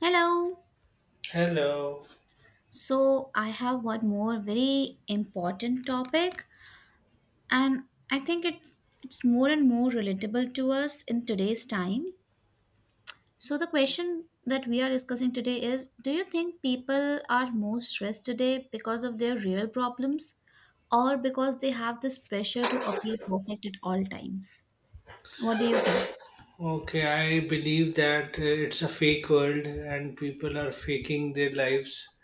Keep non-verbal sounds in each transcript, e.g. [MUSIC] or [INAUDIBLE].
Hello. Hello. So I have one more very important topic, and I think it's more and more relatable to us in today's time. So the question that we are discussing today is, do you think people are more stressed today because of their real problems, or because they have this pressure to appear perfect at all times? What do you think? Okay, I believe that it's a fake world and people are faking their lives.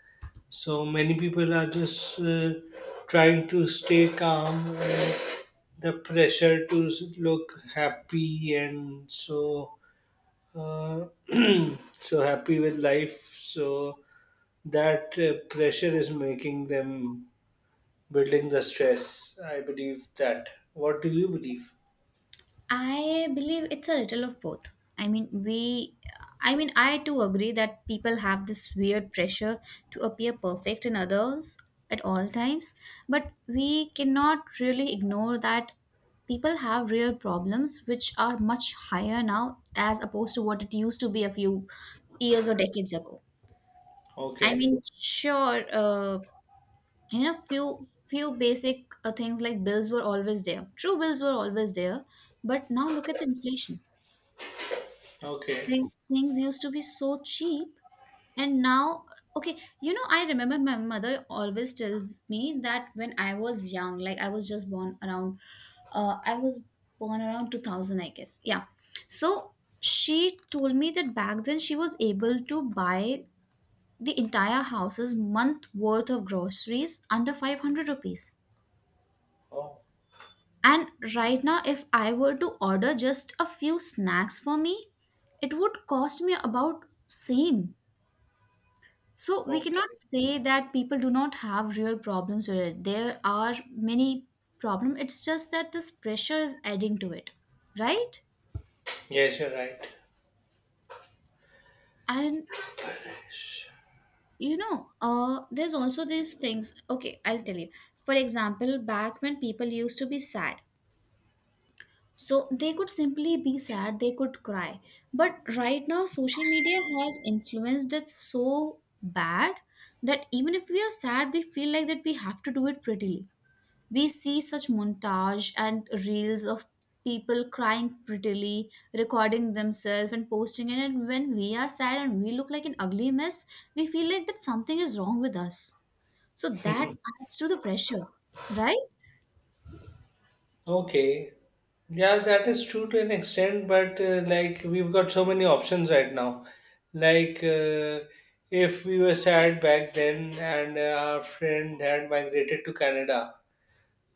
So many people are just trying to stay calm. And the pressure to look happy and so uh, [CLEARS THROAT] so happy with life. So that pressure is making them building the stress. I believe that. What do you believe? I believe it's a little of both. I mean, we, I mean, I too agree that people have this weird pressure to appear perfect in others at all times, but we cannot really ignore that people have real problems which are much higher now as opposed to what it used to be a few years or decades ago. I Okay. mean, sure, you know, few basic things like bills were always there. True, bills were always there, but now look at the inflation. Okay. Things used to be so cheap, and now, okay, you know, I remember my mother always tells me that when I was young, like I was just born around I was born around 2000, I guess. Yeah. So she told me that back then she was able to buy the entire house's month worth of groceries under 500 rupees, Oh. and right now if I were to order just a few snacks for me, it would cost me about same. So we cannot Okay. say that people do not have real problems with it. There are many problems. It's just that this pressure is adding to it, right? Yes, you're right. And you know, there's also these things. Okay, I'll tell you. For example, back when people used to be sad, so they could simply be sad, they could cry. But right now, social media has influenced it so bad that even if we are sad, we feel like that we have to do it prettily. We see such montage and reels of people crying prettily, recording themselves and posting it. And when we are sad and we look like an ugly mess, we feel like that something is wrong with us. So that adds to the pressure, right? Okay. Yes, that is true to an extent, but like we've got so many options right now. Like if we were sad back then and our friend had migrated to Canada,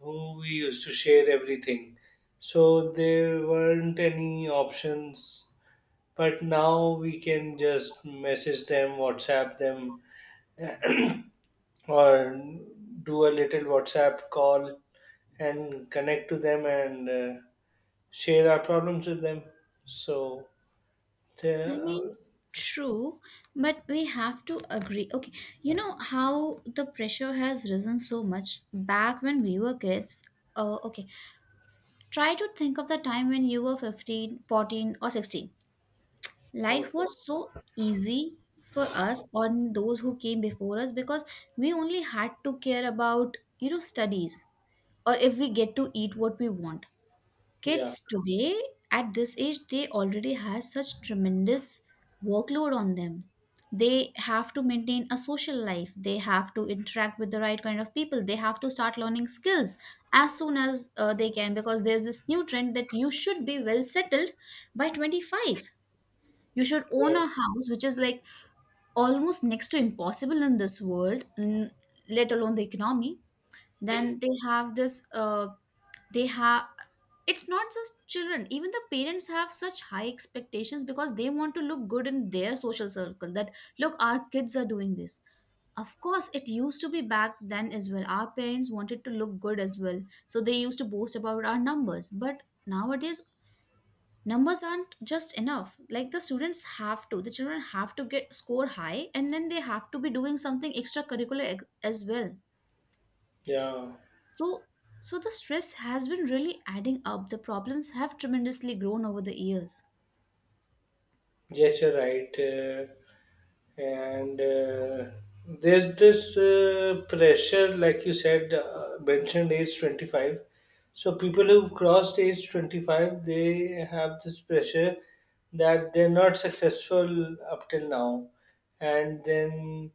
who we used to share everything. So there weren't any options, but now we can just message them, WhatsApp them, or do a little WhatsApp call and connect to them and share our problems with them. So they I mean, true, but we have to agree. Okay, you know how the pressure has risen so much back when we were kids? Okay, try to think of the time when you were 15, 14, or 16. Life okay. was so easy for us on those who came before us, because we only had to care about, you know, studies, or if we get to eat what we want. Yeah, Kids today at this age they already has such tremendous workload on them. They have to maintain a social life, they have to interact with the right kind of people, they have to start learning skills as soon as they can, because there's this new trend that you should be well settled by 25, you should own yeah, a house, which is like almost next to impossible in this world, let alone the economy. Then they have this, they have, it's not just children, even the parents have such high expectations, because they want to look good in their social circle, that, look, our kids are doing this. Of course, it used to be back then as well. Our parents wanted to look good as well. So they used to boast about our numbers. But nowadays, numbers aren't just enough. Like the children have to get score high, and then they have to be doing something as well. yeah. So, so the stress has been really adding up, the problems have tremendously grown over the years. Yes, you're right. And there's this pressure, like you said, mentioned age 25. So people who've crossed age 25, they have this pressure that they're not successful up till now, and then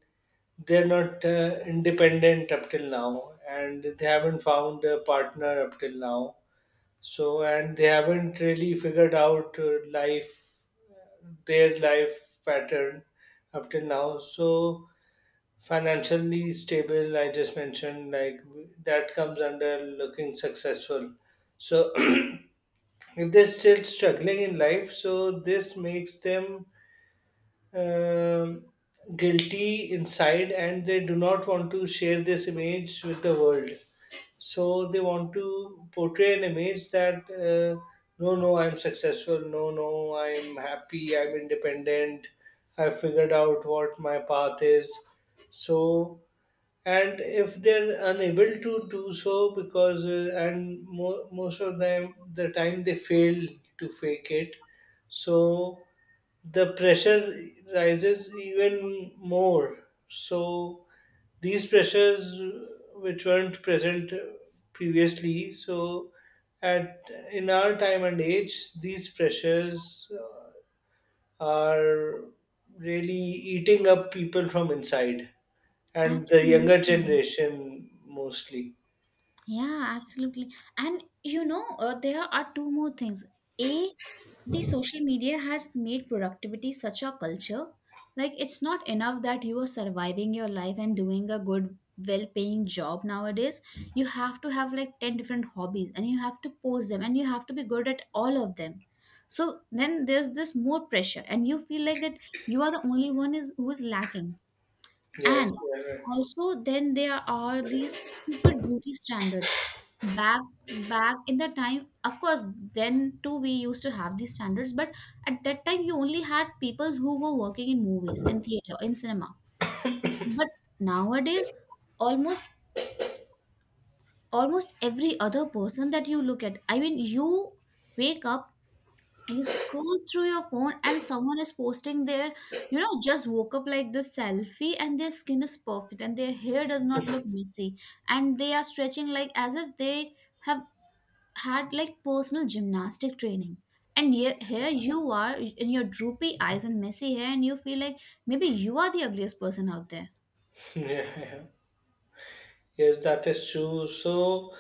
they're not independent up till now, and they haven't found a partner up till now. So, and they haven't really figured out life, their life pattern up till now. So, financially stable, I just mentioned, like that comes under looking successful. So, [CLEARS THROAT] if they're still struggling in life, so this makes them um, guilty inside and they do not want to share this image with the world. So they want to portray an image that no, no, I'm successful, no, no, I'm happy, I'm independent, I figured out what my path is. So, and if they're unable to do so because, and most of them, the time they fail to fake it. So, the pressure rises even more. So these pressures which weren't present previously, so at in our time and age, these pressures are really eating up people from inside and the younger Absolutely. generation mostly. Yeah, absolutely. And you know, there are two more things. A, the social media has made productivity such a culture. Like, it's not enough that you are surviving your life and doing a good, well paying job nowadays. You have to have like 10 different hobbies, and you have to post them, and you have to be good at all of them. So then there's this more pressure, and you feel like that you are the only one is who is lacking. Yes, And yeah, also, then there are these stupid beauty standards. Back Back in the time, of course, then too we used to have these standards, but at that time you only had people who were working in movies, in theater, in cinema. But nowadays, almost almost every other person that you look at, I mean, you wake up, you scroll through your phone, and someone is posting their, you know, just woke up like this selfie, and their skin is perfect and their hair does not look messy, and they are stretching like as if they have had like personal gymnastic training, and here you are in your droopy eyes and messy hair, and you feel like maybe you are the ugliest person out there. [LAUGHS] yeah. Yes, that is true. So,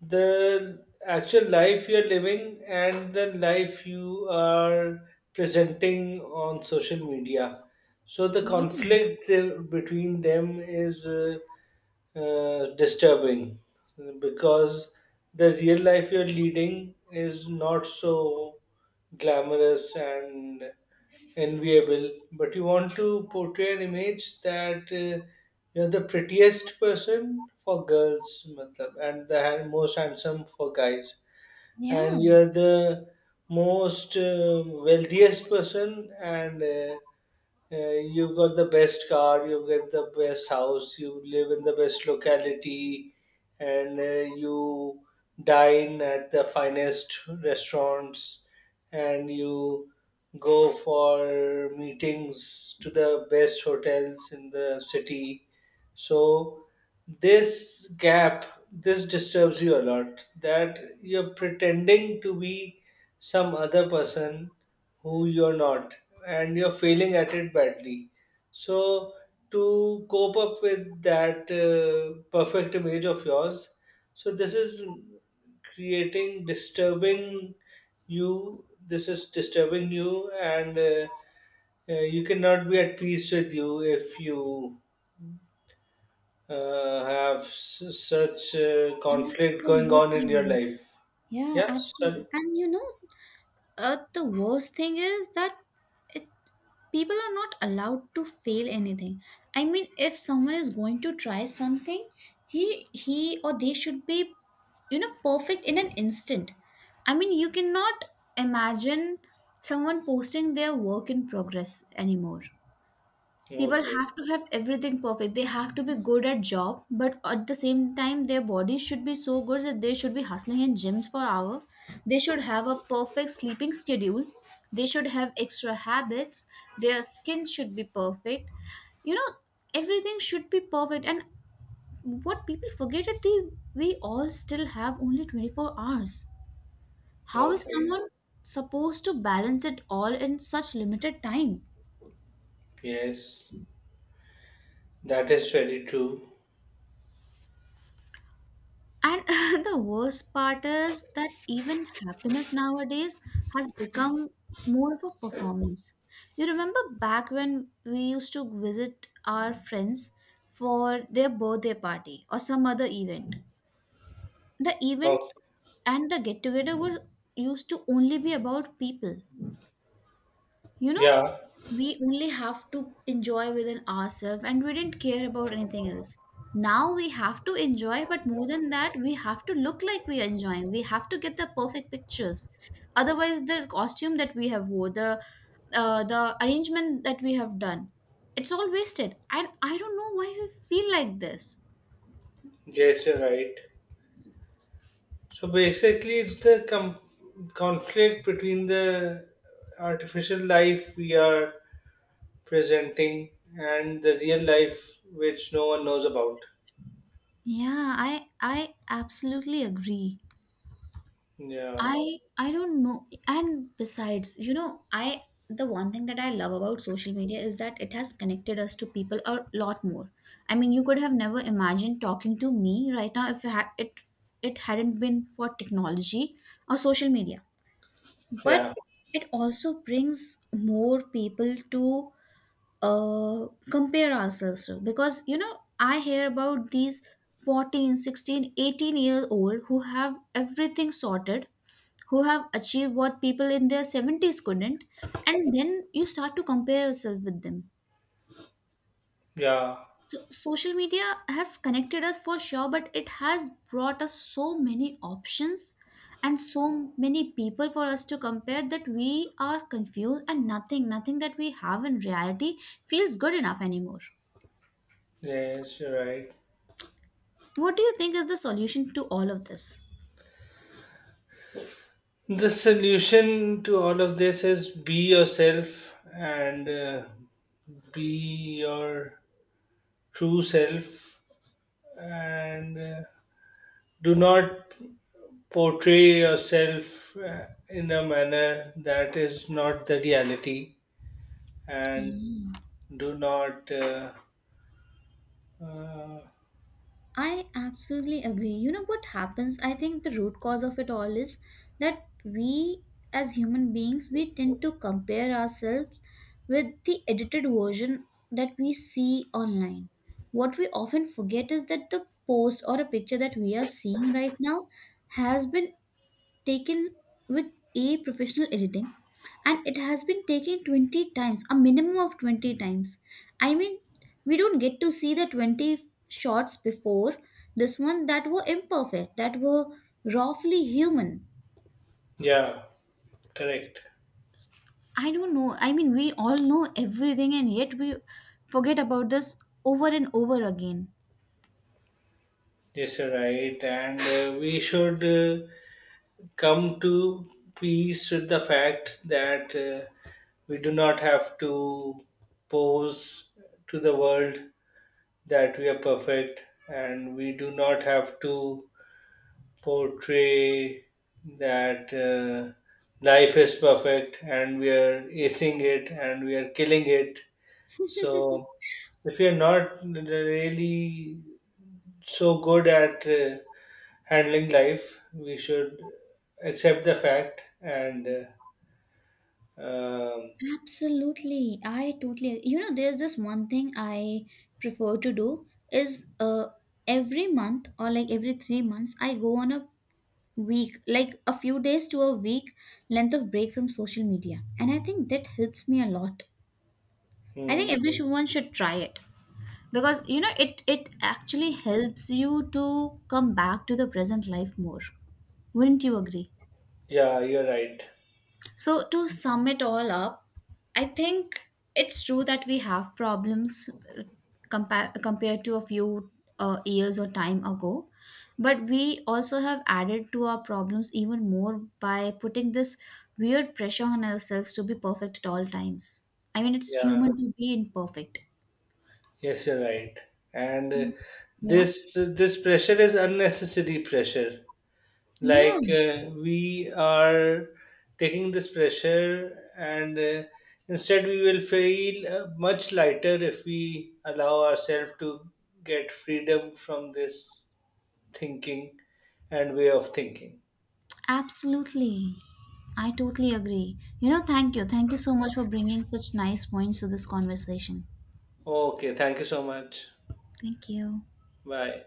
the actual life you're living and the life you are presenting on social media. So, the Yeah. conflict between them is disturbing because the real life you're leading is not so glamorous and enviable, but you want to portray an image that you're the prettiest person for girls matlab, and the most handsome for guys Yeah, and you are the most wealthiest person and you've got the best car, you have got the best house, you live in the best locality and you dine at the finest restaurants and you go for meetings to the best hotels in the city. So this gap, this disturbs you a lot that you're pretending to be some other person who you're not and you're failing at it badly. So to cope up with that perfect image of yours, so this is creating disturbing you this is disturbing you and you cannot be at peace with you if you have such conflict going on in your absolutely. life. Yeah, Yeah, absolutely. sorry. And you know, the worst thing is that it, people are not allowed to fail anything. I mean, if someone is going to try something, he or they should be, you know, perfect in an instant. I mean, you cannot imagine someone posting their work in progress anymore. People Okay, have to have everything perfect, they have to be good at job, but at the same time their bodies should be so good that they should be hustling in gyms for hour, they should have a perfect sleeping schedule, they should have extra habits, their skin should be perfect, you know, everything should be perfect. And what people forget is that they we all still have only 24 hours. How is okay. someone supposed to balance it all in such limited time? Yes, that is very true. And [LAUGHS] the worst part is that even happiness nowadays has become more of a performance. You remember back when we used to visit our friends for their birthday party or some other event. The Okay. events and the get together were used to only be about people. You know, Yeah, we only have to enjoy within ourselves, and we didn't care about anything else. Now we have to enjoy, but more than that, we have to look like we are enjoying. We have to get the perfect pictures. Otherwise, the costume that we have wore, the arrangement that we have done, it's all wasted. And I don't know why we feel like this. yes, you're right. So basically, it's the conflict between the artificial life we are presenting and the real life which no one knows about. Yeah, I absolutely agree. Yeah, I don't know. And besides, you know, I the one thing that I love about social media is that it has connected us to people a lot more. I mean, you could have never imagined talking to me right now if it hadn't been for technology or social media. But yeah, it also brings more people to compare ourselves to, because you know I hear about these fourteen, sixteen, eighteen 16-year-old who have everything sorted, who have achieved what people in their seventies couldn't, and then you start to compare yourself with them. yeah. So social media has connected us for sure, but it has brought us so many options and so many people for us to compare, that we are confused and nothing that we have in reality feels good enough anymore. Yes, you're right. What do you think is the solution to all of this? The solution to all of this is be yourself and be your true self and do not portray yourself in a manner that is not the reality and do not uh, I absolutely agree. You know what happens? I think the root cause of it all is that we as human beings we tend to compare ourselves with the edited version that we see online. What we often forget is that the post or a picture that we are seeing right now has been taken with a professional editing, and it has been taken 20 times, a minimum of 20 times. I mean, we don't get to see the 20 shots before this one that were imperfect, that were roughly human. yeah, correct. I don't know, I mean, we all know everything, and yet we forget about this over and over again. Yes, you're right, and we should come to peace with the fact that we do not have to pose to the world that we are perfect and we do not have to portray that life is perfect and we are acing it and we are killing it. So if you're not really so good at handling life, we should accept the fact and Um, Absolutely. I totally, you know, there's this one thing I prefer to do, is every month or like every 3 months I go on a week, like a few days to a week length of break from social media. And I think that helps me a lot. I think hmm, everyone should try it, because you know it actually helps you to come back to the present life more. Wouldn't you agree? yeah, you're right. So, to sum it all up, I think it's true that we have problems, uh, compared to a few years or time ago. But we also have added to our problems even more by putting this weird pressure on ourselves to be perfect at all times. I mean, it's Yeah, human to be imperfect. yes, you're right. And Yeah. this pressure is unnecessary pressure. Like Yeah, we are taking this pressure, and instead we will feel much lighter if we allow ourselves to get freedom from this thinking and way of thinking. absolutely. I totally agree. You know, thank you. Thank you so much for bringing such nice points to this conversation. Okay, thank you so much. Thank you. Bye.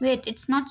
Wait, it's not